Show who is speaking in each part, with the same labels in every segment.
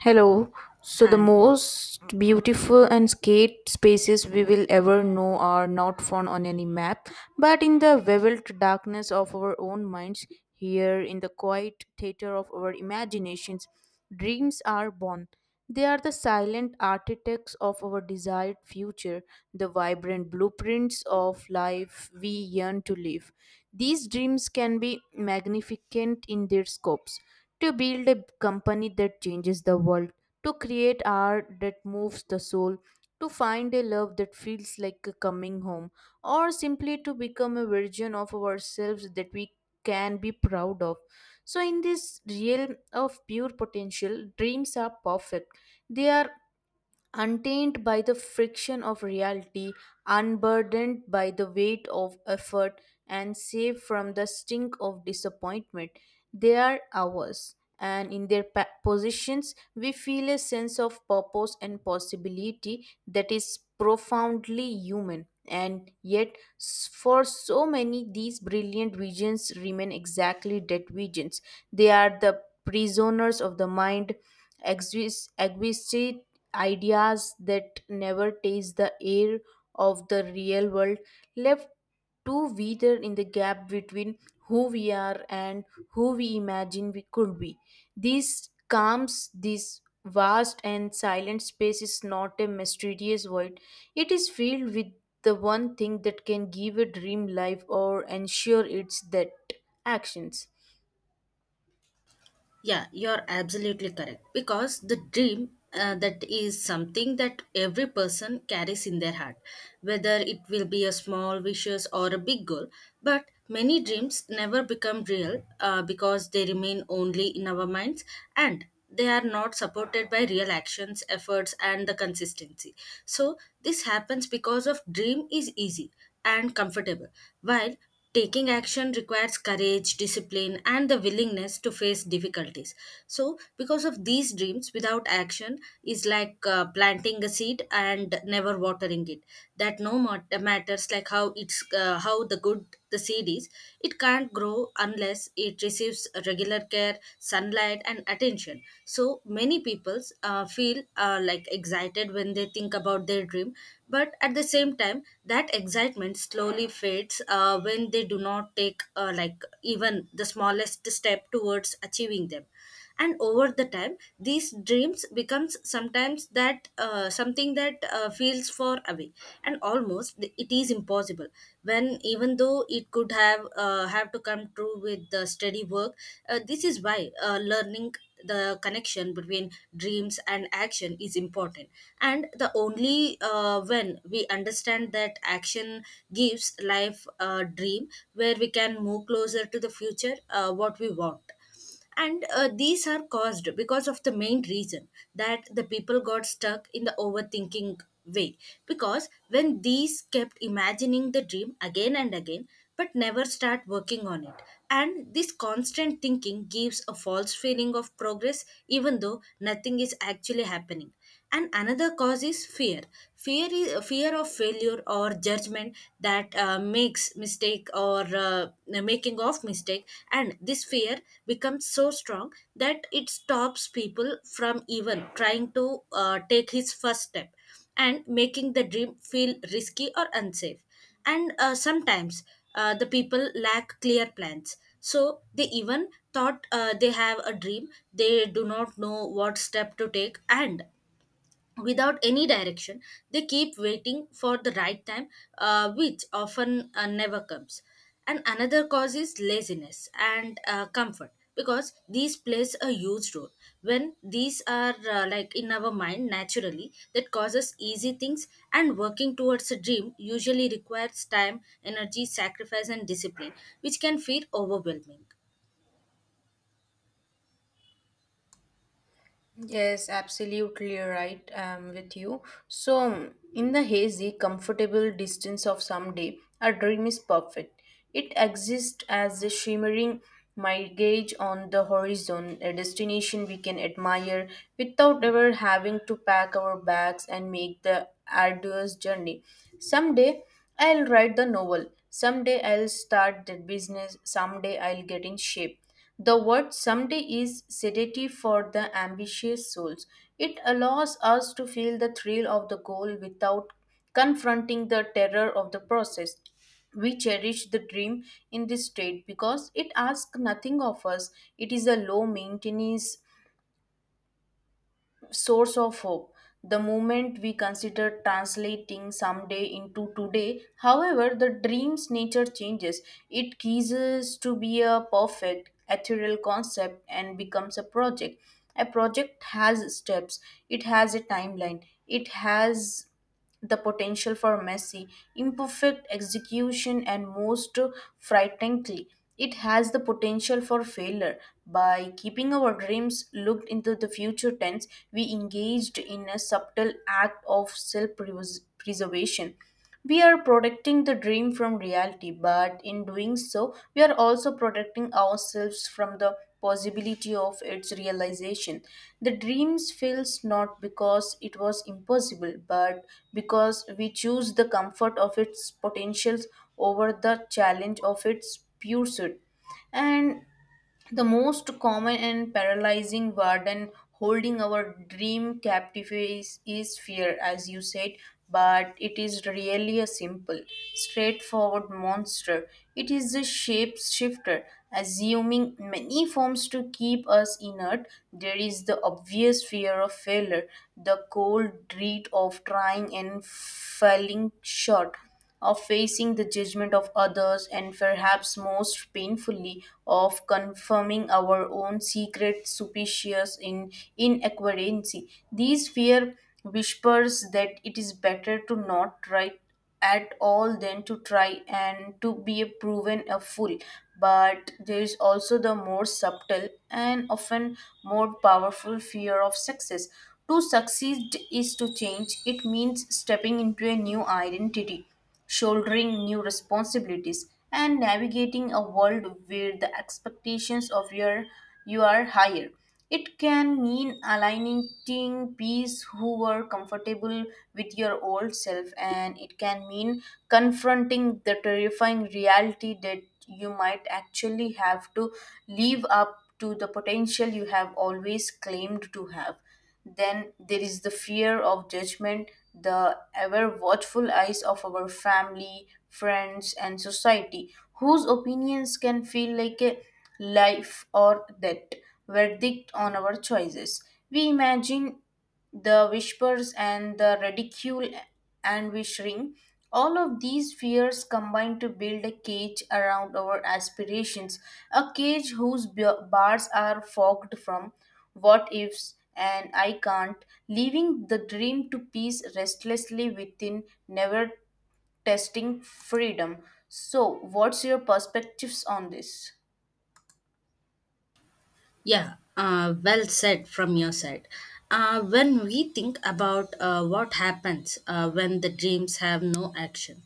Speaker 1: Hello. So, the
Speaker 2: Hi.
Speaker 1: most beautiful and skate spaces we will ever know are not found on any map, but in the veiled darkness of our own minds, here in the quiet theater of our imaginations, dreams are born. They are the silent architects of our desired future, the vibrant blueprints of life we yearn to live. These dreams can be magnificent in their scopes to build a company that changes the world, to create art that moves the soul, to find a love that feels like a coming home, or simply to become a version of ourselves that we can be proud of. So, in this realm of pure potential, dreams are perfect. They are untainted by the friction of reality, unburdened by the weight of effort, and safe from the stink of disappointment, they are ours. And in their positions, we feel a sense of purpose and possibility that is profoundly human. And yet, for so many, these brilliant visions remain exactly dead visions. They are the prisoners of the mind, exquisite ideas that never taste the air of the real world, left too wither in the gap between who we are and who we imagine we could be. This calms, this vast and silent space is not a mysterious void, it is filled with the one thing that can give a dream life or ensure its that actions.
Speaker 2: Yeah, you're absolutely correct. Because the dream that is something that every person carries in their heart, whether it will be a small wishes or a big goal. But many dreams never become real because they remain only in our minds. And they are not supported by real actions efforts and the consistency, so this happens because of dream is easy and comfortable, while taking action requires courage discipline and the willingness to face difficulties. So because of these, dreams without action is like planting a seed and never watering it. That no matters like how it's how the good the seeds, it can't grow unless it receives regular care, sunlight, and attention. So many people feel like excited when they think about their dream, but at the same time, that excitement slowly fades when they do not take like even the smallest step towards achieving them. And over the time these dreams becomes sometimes that something that feels far away and almost it is impossible, when even though it could have to come true with the steady work. This is why learning the connection between dreams and action is important. And the only when we understand that action gives life a dream, where we can move closer to the future what we want. And these are caused because of the main reason, that the people got stuck in the overthinking way, because when these kept imagining the dream again and again but never start working on it. And this constant thinking gives a false feeling of progress, even though nothing is actually happening. And another cause is fear. Fear is fear of failure or judgment, that makes mistake or making of mistake. And this fear becomes so strong that it stops people from even trying to take his first step, and making the dream feel risky or unsafe. And sometimes the people lack clear plans, so they even thought they have a dream, they do not know what step to take, and without any direction they keep waiting for the right time, which often never comes. And another cause is laziness and comfort, because these plays a huge role. When these are like in our mind naturally, that causes easy things, and working towards a dream usually requires time energy sacrifice and discipline, which can feel overwhelming.
Speaker 1: Yes, absolutely right. I'm with you. So, in the hazy, comfortable distance of someday, a dream is perfect. It exists as a shimmering mirage on the horizon, a destination we can admire without ever having to pack our bags and make the arduous journey. Someday, I'll write the novel. Someday, I'll start the business. Someday, I'll get in shape. The word someday is sedative for the ambitious souls. It allows us to feel the thrill of the goal without confronting the terror of the process. We cherish the dream in this state because it asks nothing of us. It is a low maintenance source of hope. The moment we consider translating someday into today, however, the dream's nature changes. It ceases to be a perfect, ethereal concept and becomes a project. A project has steps, it has a timeline, it has the potential for messy, imperfect execution, and most frighteningly, it has the potential for failure. By keeping our dreams looked into the future tense, we engaged in a subtle act of self preservation. We are protecting the dream from reality, but in doing so, we are also protecting ourselves from the possibility of its realization. The dreams fails not because it was impossible, but because we choose the comfort of its potentials over the challenge of its pursuit. And the most common and paralyzing burden holding our dream captive is fear, as you said, but it is really a simple, straightforward monster. It is a shape shifter, assuming many forms to keep us inert. There is the obvious fear of failure, the cold dread of trying and failing short of facing the judgment of others, and perhaps most painfully of confirming our own secret superstitious in inadequacy. These fear whispers that it is better to not try at all than to try and to be a proven a fool. But there is also the more subtle and often more powerful fear of success. To succeed is to change. It means stepping into a new identity, shouldering new responsibilities and navigating a world where the expectations of your you are higher. It can mean aligning peers who were comfortable with your old self, and it can mean confronting the terrifying reality that you might actually have to live up to the potential you have always claimed to have. Then there is the fear of judgment, the ever watchful eyes of our family, friends, and society, whose opinions can feel like a life or death verdict on our choices. We imagine the whispers and the ridicule and wishing all of these fears combine to build a cage around our aspirations, a cage whose bars are fogged from what ifs and I can't, leaving the dream to peace restlessly within, never testing freedom. So what's your perspectives on this?
Speaker 2: Yeah, well said from your side. When we think about what happens when the dreams have no action,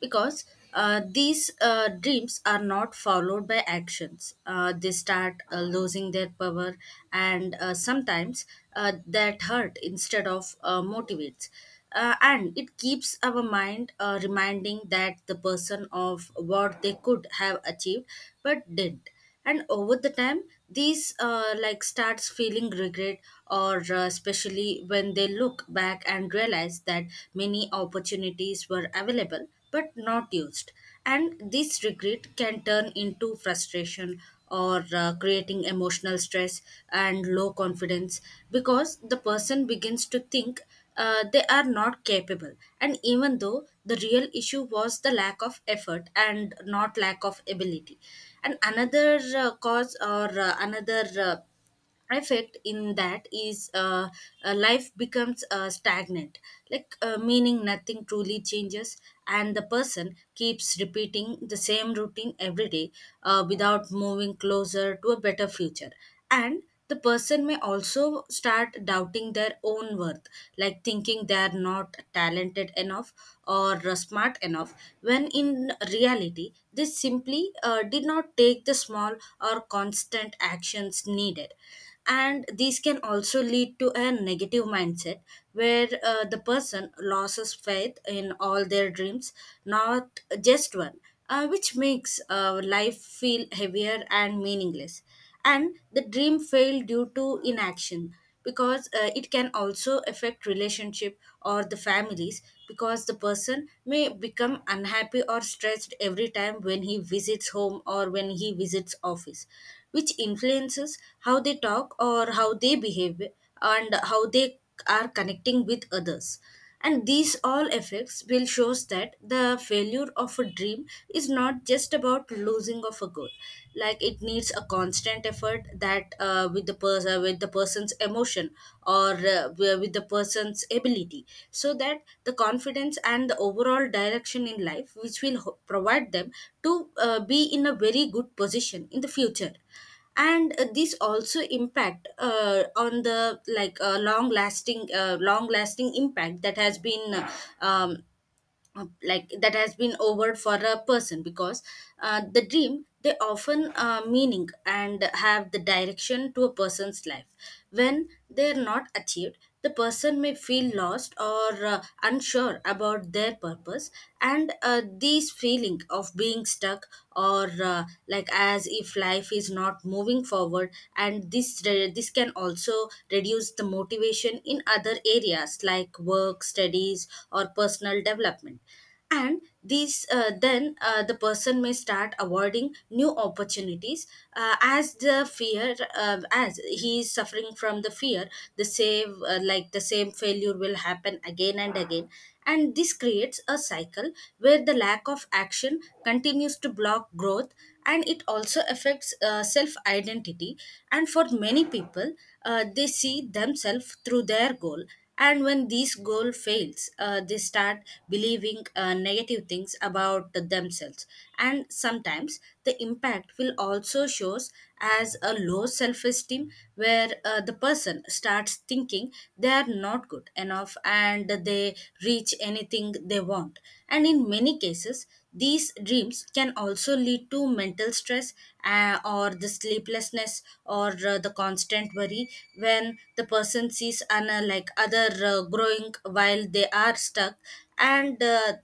Speaker 2: because these dreams are not followed by actions, they start losing their power, and sometimes that hurt instead of motivates. And it keeps our mind reminding that the person of what they could have achieved but didn't. And over the time these like starts feeling regret, or especially when they look back and realize that many opportunities were available but not used. And this regret can turn into frustration, or creating emotional stress and low confidence, because the person begins to think they are not capable, and even though the real issue was the lack of effort and not lack of ability. And another cause, or another effect in that is life becomes stagnant, like meaning nothing truly changes, and the person keeps repeating the same routine every day without moving closer to a better future. And the person may also start doubting their own worth, like thinking they are not talented enough, or smart enough, when in reality they simply did not take the small or constant actions needed. And these can also lead to a negative mindset, where the person loses faith in all their dreams, not just one, which makes life feel heavier and meaningless. And the dream failed due to inaction, because it can also affect relationship or the families, because the person may become unhappy or stressed every time when he visits home or when he visits office, which influences how they talk or how they behave, and how they are connecting with others. And these all effects will shows that the failure of a dream is not just about losing of a goal, like it needs a constant effort that with the person, with the person's emotion, or with the person's ability, so that the confidence and the overall direction in life, which will provide them to be in a very good position in the future. And this also impact on the like long lasting impact that has been um, like that has been over for a person, because the dream they often meaning and have the direction to a person's life. When they are not achieved, the person may feel lost, or unsure about their purpose. And this feeling of being stuck, or like as if life is not moving forward, and this can also reduce the motivation in other areas like work studies or personal development. And these the person may start avoiding new opportunities, as the fear as he is suffering from the fear the same like the same failure will happen again and again. And this creates a cycle, where the lack of action continues to block growth. And it also affects self identity. And for many people, they see themselves through their goal. And when this goal fails, they start believing negative things about themselves. And sometimes the impact will also shows as a low self esteem, where the person starts thinking they are not good enough, and they reach anything they want. And in many cases, these dreams can also lead to mental stress, or the sleeplessness, or the constant worry, when the person sees an, like other growing while they are stuck. And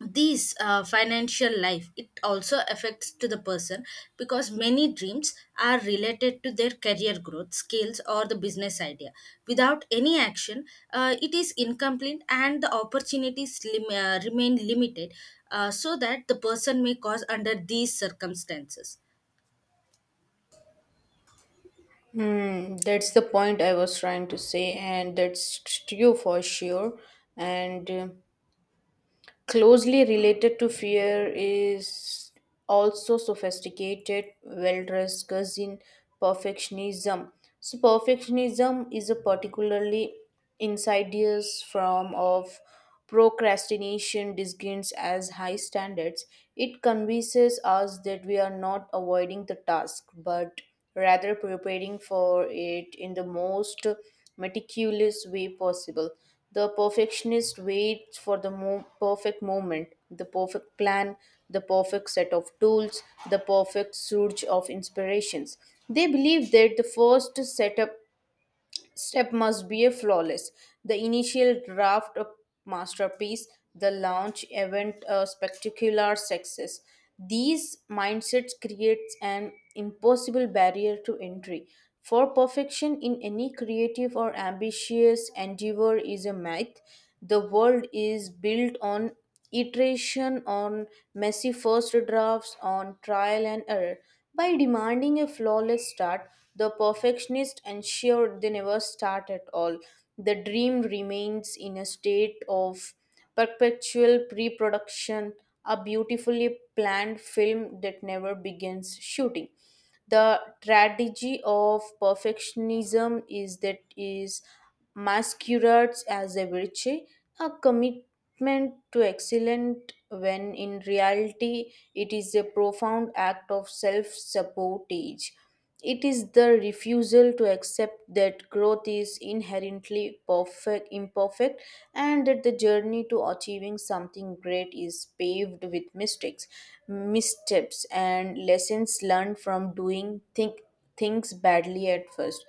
Speaker 2: these financial life it also affects to the person, because many dreams are related to their career growth skills or the business idea. Without any action, it is incomplete and the opportunities remain limited, so that the person may cause under these circumstances.
Speaker 1: Hmm, that's the point I was trying to say, and that's true for sure. And Closely related to fear is also sophisticated, well dressed cousin perfectionism. So, perfectionism is a particularly insidious form of procrastination disguised as high standards. It convinces us that we are not avoiding the task but rather preparing for it in the most meticulous way possible. The perfectionist waits for the perfect moment, the perfect plan, the perfect set of tools, the perfect surge of inspirations. They believe that the first setup step must be a flawless, the initial draft a masterpiece, the launch event a spectacular success. These mindsets creates an impossible barrier to entry, for perfection in any creative or ambitious endeavor is a myth. The world is built on iteration, on messy first drafts, on trial and error. By demanding a flawless start, the perfectionist ensured they never start at all. The dream remains in a state of perpetual pre production, a beautifully planned film that never begins shooting. The tragedy of perfectionism is that is masquerades as a virtue, a commitment to excellence, when in reality it is a profound act of self-sabotage. It is the refusal to accept that growth is inherently perfect, imperfect, and that the journey to achieving something great is paved with mistakes, missteps, and lessons learned from doing think, things badly at first.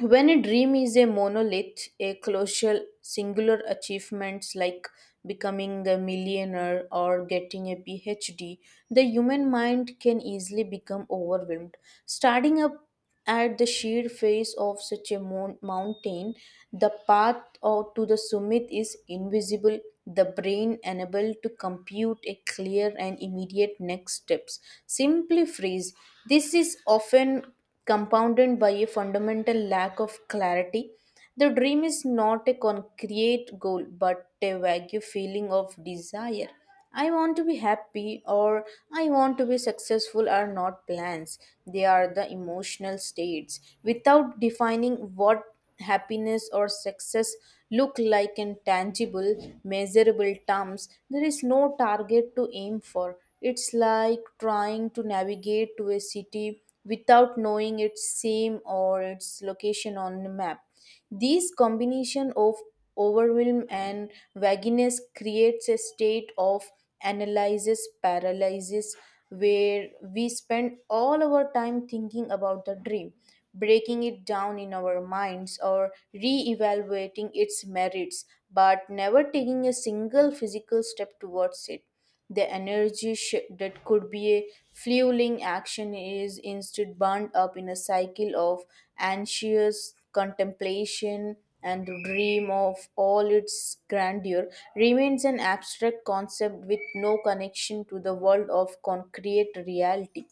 Speaker 1: When a dream is a monolith, a colossal singular achievements like becoming a millionaire or getting a PhD, the human mind can easily become overwhelmed. Starting up at the sheer face of such a mountain, the path or to the summit is invisible, the brain unable to compute a clear and immediate next steps. Simply phrase, this is often compounded by a fundamental lack of clarity. The dream is not a concrete goal but a vague feeling of desire. I want to be happy or I want to be successful are not plans. They are the emotional states. Without defining what happiness or success look like in tangible, measurable terms, there is no target to aim for. It's like trying to navigate to a city without knowing its name or its location on the map. These combination of overwhelm and vagueness creates a state of analysis paralysis where we spend all our time thinking about the dream, breaking it down in our minds or re-evaluating its merits, but never taking a single physical step towards it. The energy shift that could be a fueling action is instead bound up in a cycle of anxious contemplation, and the dream of all its grandeur remains an abstract concept with no connection to the world of concrete reality.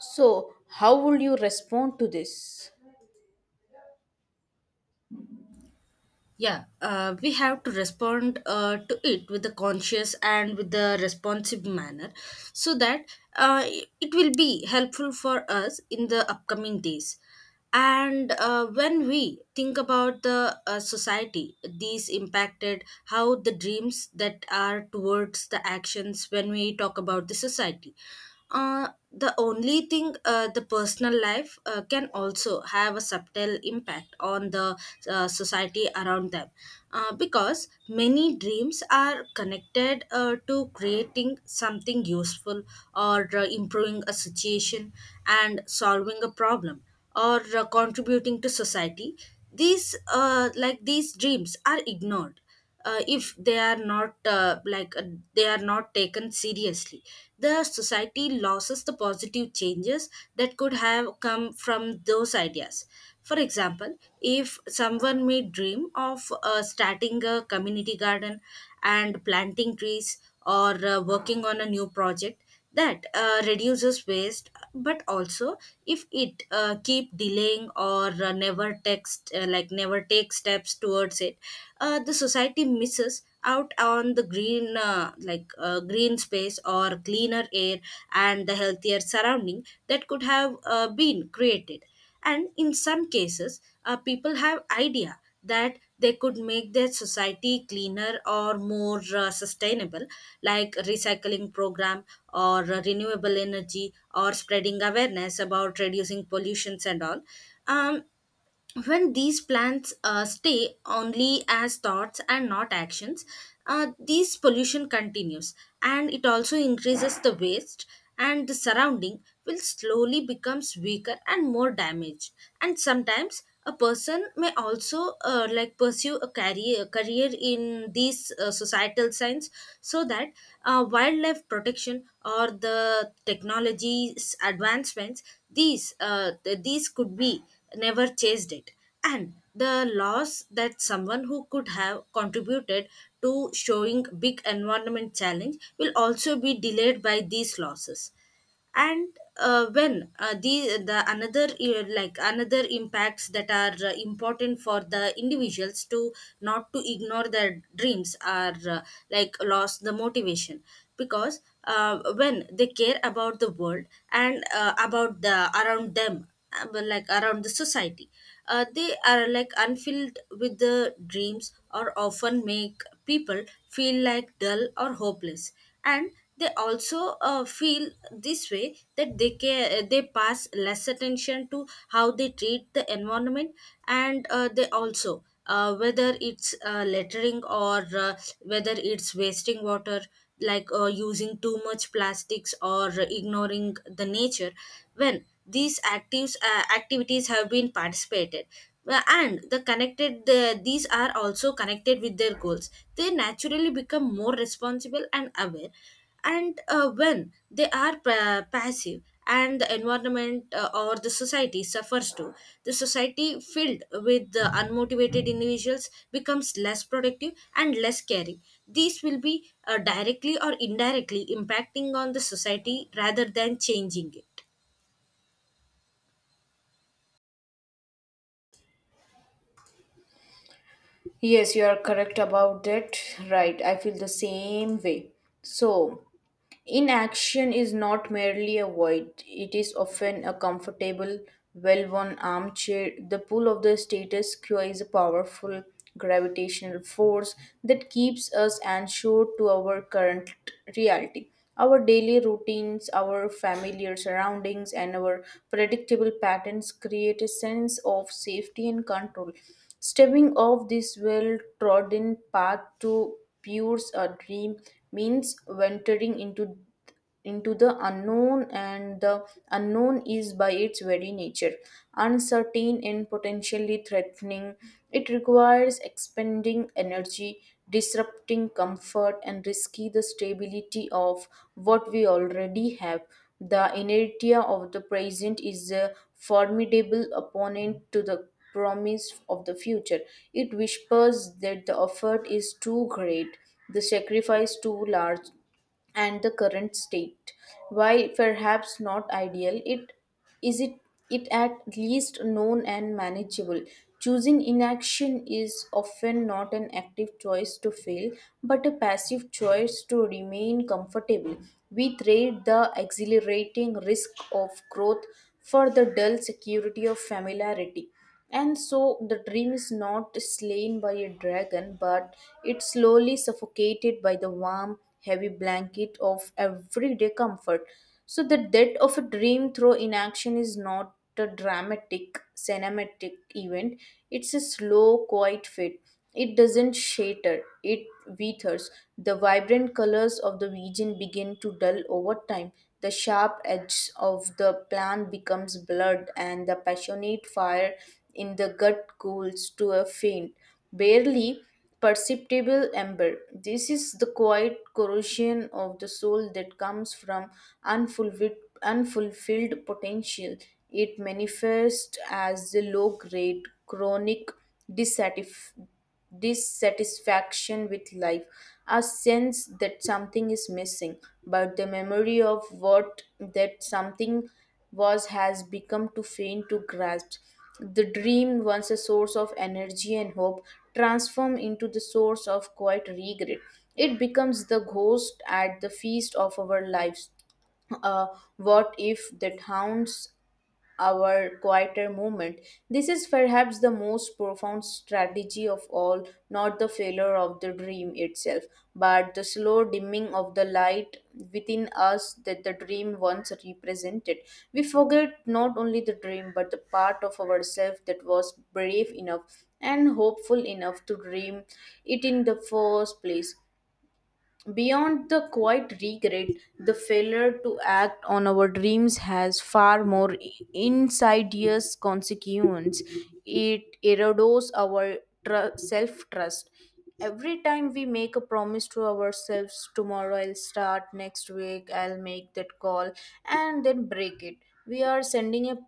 Speaker 1: So, how would you respond to this?
Speaker 2: Yeah, we have to respond to it with a conscious and with the responsive manner, so that uh, it will be helpful for us in the upcoming days. And when we think about the society, these impacted how the dreams that are towards the actions when we talk about the society. The only thing the personal life can also have a subtle impact on the society around them, because many dreams are connected to creating something useful, or improving a situation, and solving a problem, or contributing to society. These like these dreams are ignored, if they are not they are not taken seriously, the society loses the positive changes that could have come from those ideas. For example, if someone may dream of starting a community garden and planting trees, or working on a new project that reduces waste, but also if it keep delaying, or never text like never take steps towards it, the society misses out on the green green space or cleaner air, and the healthier surrounding that could have been created. And in some cases, people have idea that they could make their society cleaner or more sustainable, like recycling program, or renewable energy, or spreading awareness about reducing pollutions and all. um, when these plants stay only as thoughts and not actions, this pollution continues, and it also increases the waste, and the surrounding will slowly becomes weaker and more damaged. And sometimes a person may also like pursue a career in these societal science, so that wildlife protection or the technologies advancements, these these could be never chased it. And the loss that someone who could have contributed to showing big environment challenge will also be delayed by these losses, and when the another like another impacts that are important for the individuals to not to ignore their dreams are like lost the motivation. Because when they care about the world and about the around them, like around the society, they are like unfilled with the dreams or often make people feel like dull or hopeless. And they also feel this way that they care, they pass less attention to how they treat the environment. And they also whether it's littering or whether it's wasting water, like using too much plastics or ignoring the nature. When these actives activities have been participated, and these are also connected with their goals, they naturally become more responsible and aware. And when they are passive, and the environment or the society suffers too. The society filled with the unmotivated individuals becomes less productive and less caring. These will be directly or indirectly impacting on the society rather than changing it.
Speaker 1: Yes, you are correct about that. Right, I feel the same way. So, inaction is not merely a void, it is often a comfortable, well worn armchair. The pull of the status quo is a powerful gravitational force that keeps us anchored to our current reality. Our daily routines, our familiar surroundings, and our predictable patterns create a sense of safety and control. Stepping off this well trodden path to pursue a dream means venturing into the unknown, and the unknown is by its very nature uncertain and potentially threatening. It requires expending energy, disrupting comfort and risky the stability of what we already have. The inertia of the present is a formidable opponent to the promise of the future. It whispers that the effort is too great, the sacrifice too large, and the current state, while perhaps not ideal, it it at least known and manageable. Choosing inaction is often not an active choice to fail, but a passive choice to remain comfortable. We trade the exhilarating risk of growth for the dull security of familiarity. And so the dream is not slain by a dragon, but it's slowly suffocated by the warm, heavy blanket of everyday comfort. So the death of a dream through inaction is not a dramatic, cinematic event. It's a slow, quiet fate. It doesn't shatter, it withers. The vibrant colors of the region begin to dull over time. The sharp edge of the plant becomes blurred, and the passionate fire in the gut cools to a faint, barely perceptible ember. This is the quiet corrosion of the soul that comes from unfulfilled, unfulfilled potential. It manifests as the low grade, chronic dissatisfaction dissatisfaction with life, a sense that something is missing, but the memory of what that something was has become too faint to grasp. The dream, once a source of energy and hope, transforms into the source of quiet regret. It becomes the ghost at the feast of our lives, uh, what if that hounds? Our quieter movement. This is perhaps the most profound strategy of all, not the failure of the dream itself, but the slow dimming of the light within us that the dream once represented. We forget not only the dream, but the part of ourselves that was brave enough and hopeful enough to dream it in the first place. Beyond the quiet regret, the failure to act on our dreams has far more insidious consequence. It erodes our self trust. Every time we make a promise to ourselves, tomorrow I'll start, next week I'll make that call, and then break it, we are sending a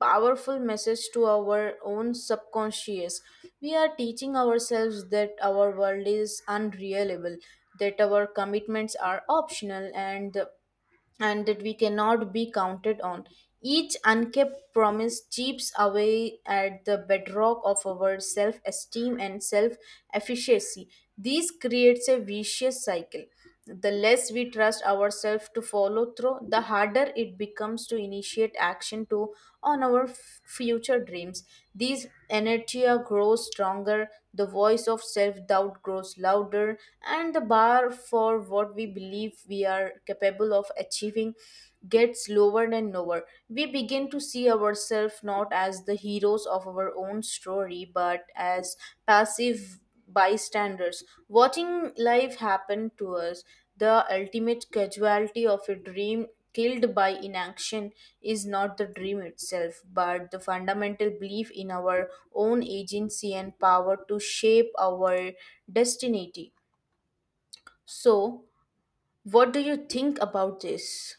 Speaker 1: powerful message to our own subconscious. We are teaching ourselves that our world is unreliable, that our commitments are optional, and that we cannot be counted on. Each unkept promise chips away at the bedrock of our self esteem and self efficacy. This creates a vicious cycle. The less we trust ourselves to follow through, the harder it becomes to initiate action to on our future dreams. These inertia grows stronger, the voice of self doubt grows louder, and the bar for what we believe we are capable of achieving gets lower and lower. We begin to see ourselves not as the heroes of our own story, but as passive bystanders, watching life happen to us. The ultimate casualty of a dream killed by inaction is not the dream itself, but the fundamental belief in our own agency and power to shape our destiny. So, what do you think about this?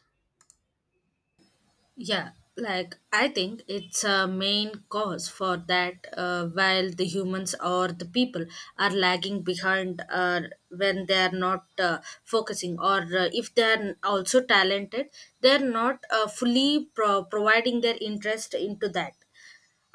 Speaker 2: Yeah, like I think it's a main cause for that. While the humans or the people are lagging behind, when they are not focusing, or if they are also talented, they are not fully providing their interest into that.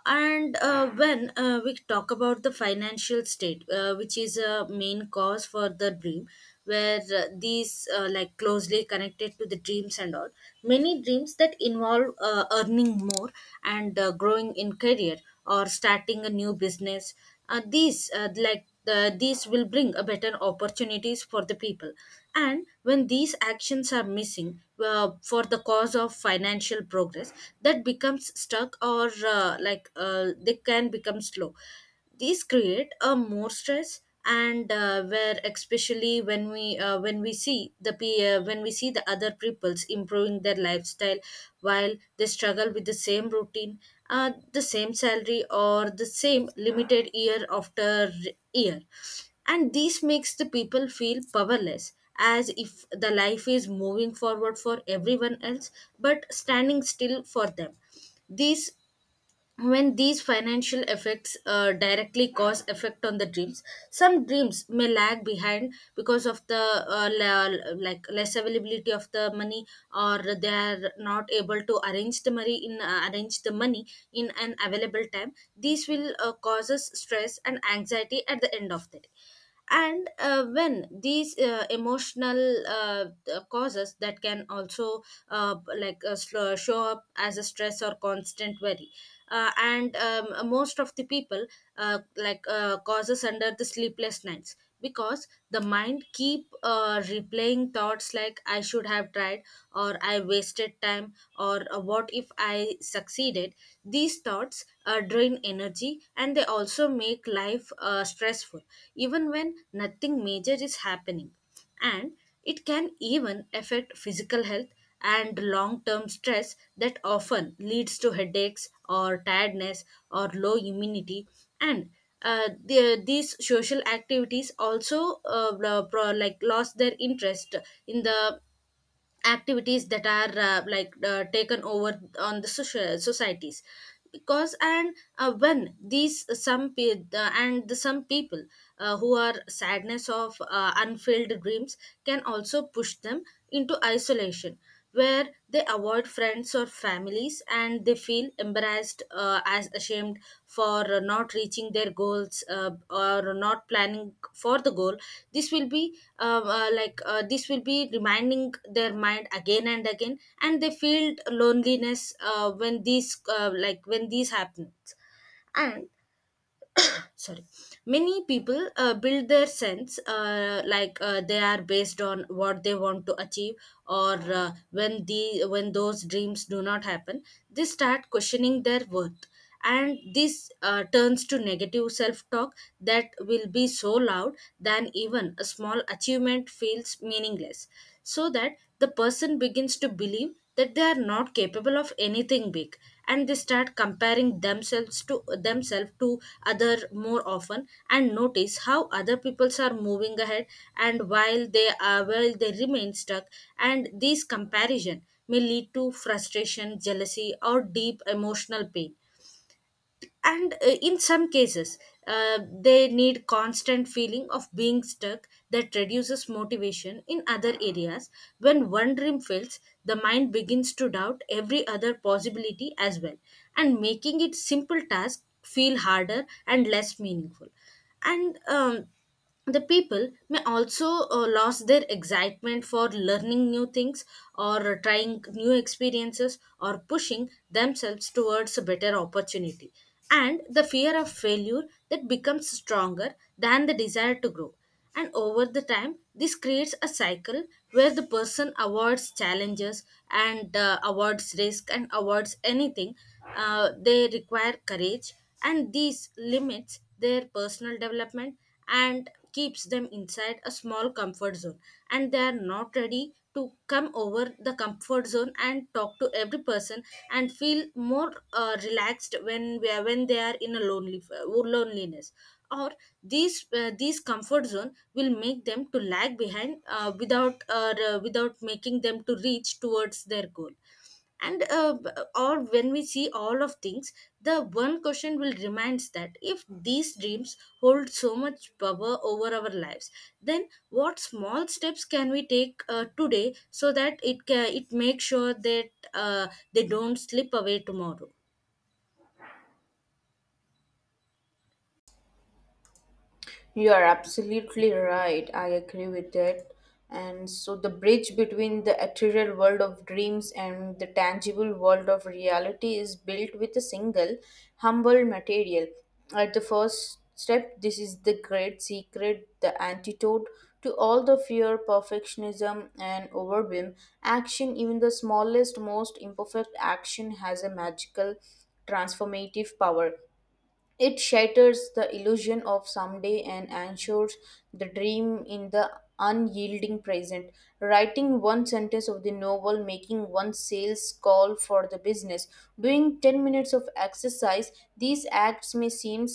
Speaker 2: And when we talk about the financial state, which is a main cause for the dream, where these like closely connected to the dreams and all, many dreams that involve earning more and growing in career or starting a new business, these will bring a better opportunities for the people. And when these actions are missing for the cause of financial progress, that becomes stuck or they can become slow. These create a more stress, and where especially when we see the when we see the other peoples improving their lifestyle while they struggle with the same routine, the same salary or the same limited year after year. And this makes the people feel powerless, as if the life is moving forward for everyone else but standing still for them. This When these financial effects directly cause effect on the dreams, some dreams may lag behind because of the like less availability of the money, or they are not able to arrange the money in an available time. These will causes stress and anxiety at the end of the day. And when these emotional causes that can also show up as a stress or constant worry. And Most of the people, causes under the sleepless nights, because the mind keep replaying thoughts like I should have tried, or I wasted time, or what if I succeeded. These thoughts drain energy, and they also make life stressful even when nothing major is happening. And it can even affect physical health, and long term stress that often leads to headaches or tiredness or low immunity. And these social activities also like lost their interest in the activities that are taken over on the social societies. Because and when these some pe- And the some people who are sadness of unfulfilled dreams can also push them into isolation, where they avoid friends or families, and they feel embarrassed as ashamed for not reaching their goals, or not planning for the goal. This will be this will be reminding their mind again and again, and they feel loneliness when these happens. And sorry, many people build their sense, they are based on what they want to achieve, or when those dreams do not happen, they start questioning their worth. And this turns to negative self talk that will be so loud than even a small achievement feels meaningless, so that the person begins to believe that they are not capable of anything big. And they start comparing themselves to themselves to other more often, and notice how other peoples are moving ahead, and while they remain stuck. And these comparison may lead to frustration, jealousy, or deep emotional pain. And in some cases, they need constant feeling of being stuck that reduces motivation in other areas. When one dream fails, the mind begins to doubt every other possibility as well, and making it simple task feel harder and less meaningful and The people may also lose their excitement for learning new things, or trying new experiences, or pushing themselves towards a better opportunity. And the fear of failure that becomes stronger than the desire to grow. And over the time, this creates a cycle where the person avoids challenges, and avoids risk, and avoids anything. They require courage, and these limits their personal development and keeps them inside a small comfort zone. And they are not ready to come over the comfort zone and talk to every person, and feel more relaxed when they are in a lonely loneliness. Or these comfort zone will make them to lag behind without without making them to reach towards their goal. And or when we see all of things, the one question will reminds that if these dreams hold so much power over our lives, then what small steps can we take today, so that it makes sure that they don't slip away tomorrow.
Speaker 1: You are absolutely right. I agree with that. And so, the bridge between the ethereal world of dreams and the tangible world of reality is built with a single, humble material. At the first step, this is the great secret, the antidote to all the fear, perfectionism, and overwhelm. Action, even the smallest, most imperfect action, has a magical transformative power. It shatters the illusion of someday and ensures the dream in the unyielding present. Writing one sentence of the novel, making one sales call for the business, doing 10 minutes of exercise, these acts may seem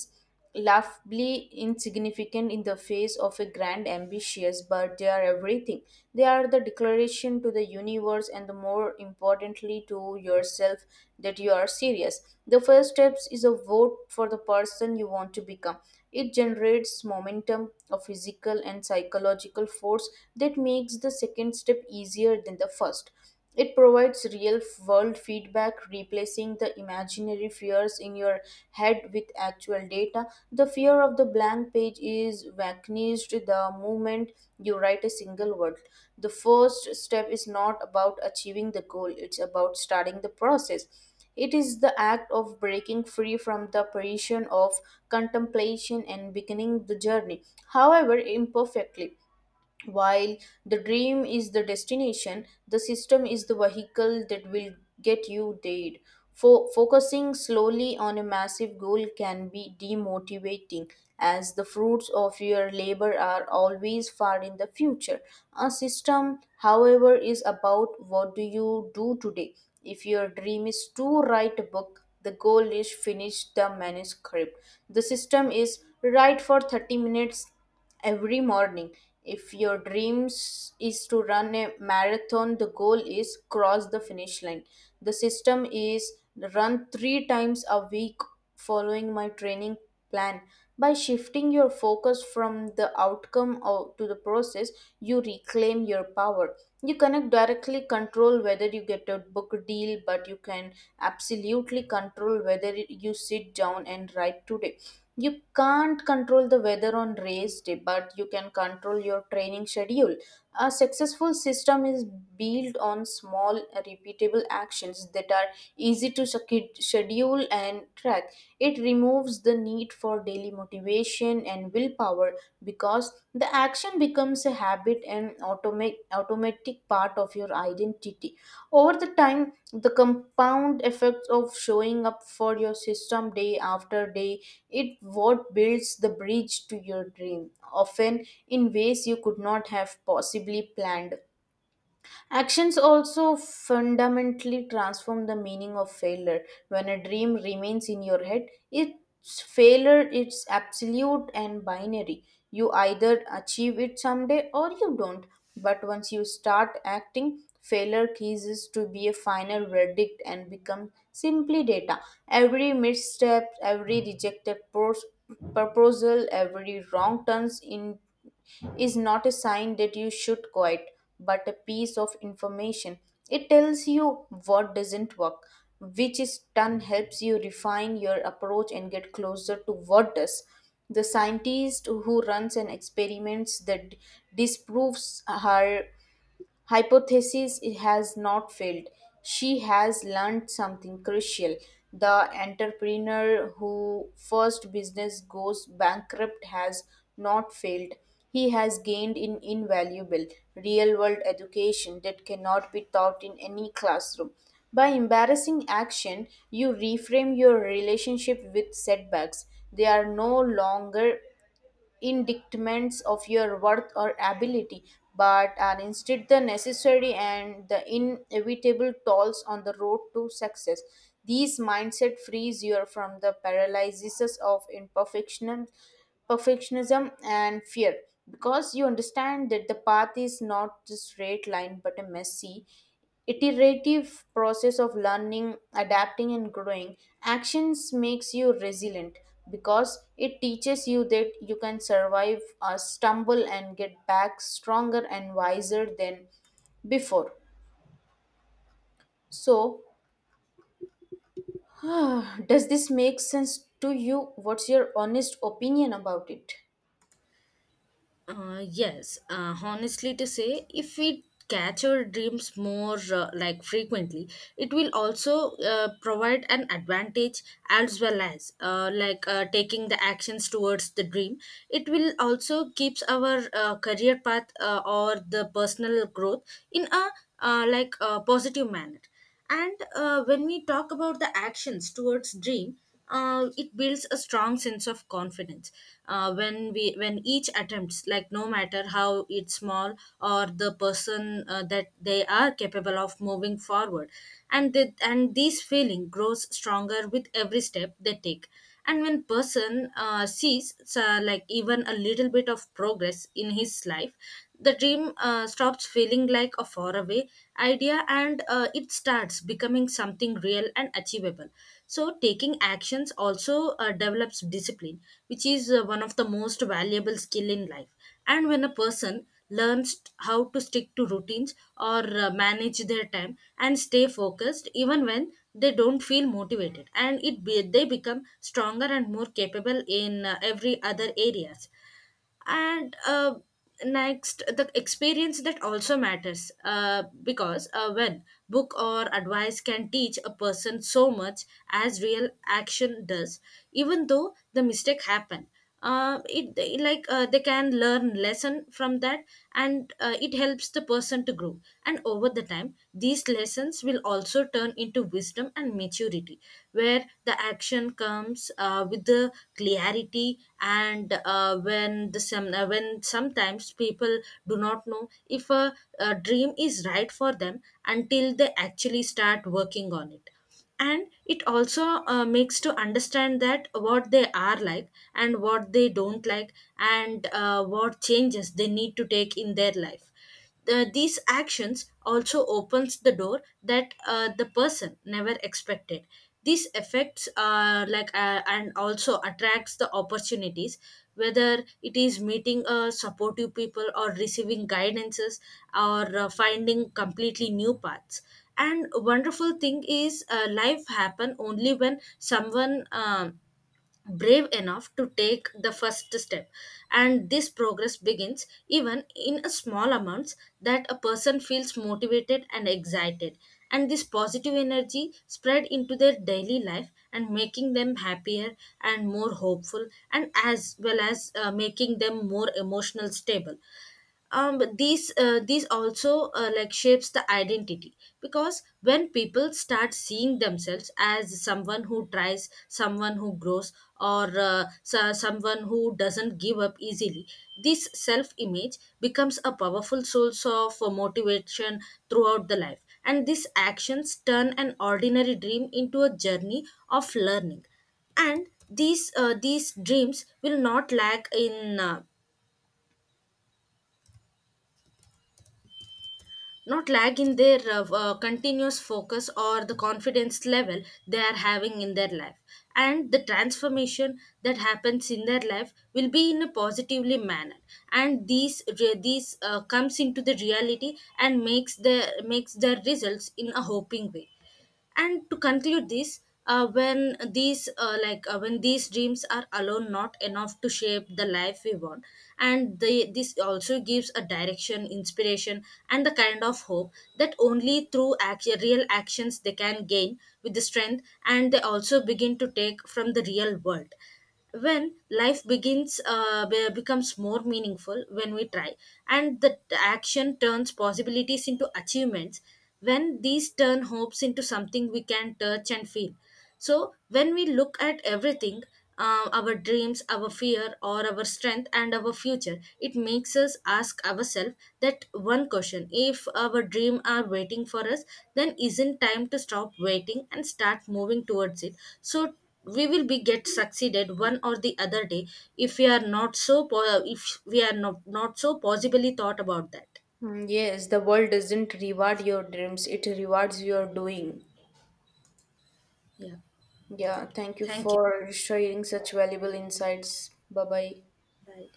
Speaker 1: laughably insignificant in the face of a grand ambitious, but they are everything. They are the declaration to the universe and, the more importantly, to yourself that you are serious. The first steps is a vote for the person you want to become. It generates momentum, a physical and psychological force that makes the second step easier than the first. It provides real world feedback, replacing the imaginary fears in your head with actual data. The fear of the blank page is vanished the moment you write a single word. The first step is not about achieving the goal, it's about starting the process. It is the act of breaking free from the prison of contemplation and beginning the journey, however imperfectly. While the dream is the destination, the system is the vehicle that will get you there. Focusing slowly on a massive goal can be demotivating, as the fruits of your labor are always far in the future. A system, however, is about what do you do today. If your dream is to write a book, the goal is finish the manuscript. The system is write for 30 minutes every morning. If your dreams is to run a marathon, the goal is cross the finish line. The system is run 3 times a week following my training plan. By shifting your focus from the outcome of, to the process, you reclaim your power. You cannot directly control whether you get a book deal, but you can absolutely control whether you sit down and write today. You can't control the weather on race day, but you can control your training schedule. A successful system is built on small repeatable actions that are easy to schedule and track. It removes the need for daily motivation and willpower, because the action becomes a habit and automatic part of your identity. Over the time, the compound effects of showing up for your system day after day, it what builds the bridge to your dream often in ways you could not have possibly planned. Actions also fundamentally transform the meaning of failure. When a dream remains in your head, its failure is absolute and binary. You either achieve it someday or you don't. But once you start acting, failure ceases to be a final verdict and becomes simply data. Every misstep, every proposal, every wrong turns in is not a sign that you should quit, but a piece of information. It tells you what doesn't work, which is done helps you refine your approach and get closer to what does. The scientist who runs an experiment that disproves her hypothesis has not failed, she has learned something crucial. The entrepreneur who first business goes bankrupt has not failed, he has gained in invaluable real world education that cannot be taught in any classroom. By embarrassing action, you reframe your relationship with setbacks. They are no longer indictments of your worth or ability, but are instead the necessary and the inevitable tolls on the road to success. These mindset frees you from the paralysis of imperfection, perfectionism, and fear because you understand that the path is not a straight line but a messy iterative process of learning, adapting, and growing. Actions makes you resilient because it teaches you that you can survive a stumble and get back stronger and wiser than before. So, does this make sense to you? What's your honest opinion about it?
Speaker 2: Yes, honestly to say, if we catch our dreams more like frequently, it will also provide an advantage, as well as taking the actions towards the dream. It will also keeps our career path or the personal growth in a like a positive manner. And when we talk about the actions towards dream, it builds a strong sense of confidence. When each attempts, like no matter how it's small, or the person that they are capable of moving forward, and this feeling grows stronger with every step they take. And when person sees like even a little bit of progress in his life, the dream stops feeling like a faraway idea, and it starts becoming something real and achievable. So taking actions also develops discipline, which is one of the most valuable skill in life. And when a person learns how to stick to routines, or manage their time, and stay focused even when they don't feel motivated, they become stronger and more capable in every other areas. And next, the experience that also matters, because when book or advice can teach a person so much as real action does. Even though the mistake happened, like they can learn lesson from that, and it helps the person to grow. And over the time, these lessons will also turn into wisdom and maturity, where the action comes with the clarity. And when sometimes people do not know if a dream is right for them until they actually start working on it. And it also makes to understand that what they are like and what they don't like, and what changes they need to take in their life. These actions also opens the door that the person never expected. These effects are like and also attracts the opportunities, whether it is meeting supportive people, or receiving guidances, or finding completely new paths. And wonderful thing is, life happen only when someone brave enough to take the first step. And this progress begins even in a small amounts, that a person feels motivated and excited. And this positive energy spread into their daily life, and making them happier and more hopeful, and as well as making them more emotional stable. But these also like shapes the identity, because when people start seeing themselves as someone who tries, someone who grows, or someone who doesn't give up easily, this self image becomes a powerful source of motivation throughout the life. And these actions turn an ordinary dream into a journey of learning, and these dreams will not lag in their continuous focus or the confidence level they are having in their life. And the transformation that happens in their life will be in a positively manner, and these re- these comes into the reality and makes their results in a hoping way. And to conclude this, when these dreams are alone not enough to shape the life we want, this also gives a direction, inspiration, and the kind of hope that only through action, real actions, they can gain with the strength, and they also begin to take from the real world. When life begins becomes more meaningful when we try, and the action turns possibilities into achievements, when these turn hopes into something we can touch and feel. So when we look at everything, our dreams, our fear, or our strength, and our future, it makes us ask ourselves that one question: if our dream are waiting for us, then isn't time to stop waiting and start moving towards it. So we will be get succeeded one or the other day, if we are not so po- if we are not, not so possibly thought about that.
Speaker 1: Mm, yes, the world doesn't reward your dreams, it rewards your doing.
Speaker 2: Yeah,
Speaker 1: Yeah, thank you
Speaker 2: thank you.
Speaker 1: for sharing such valuable insights. Bye bye.
Speaker 2: Bye.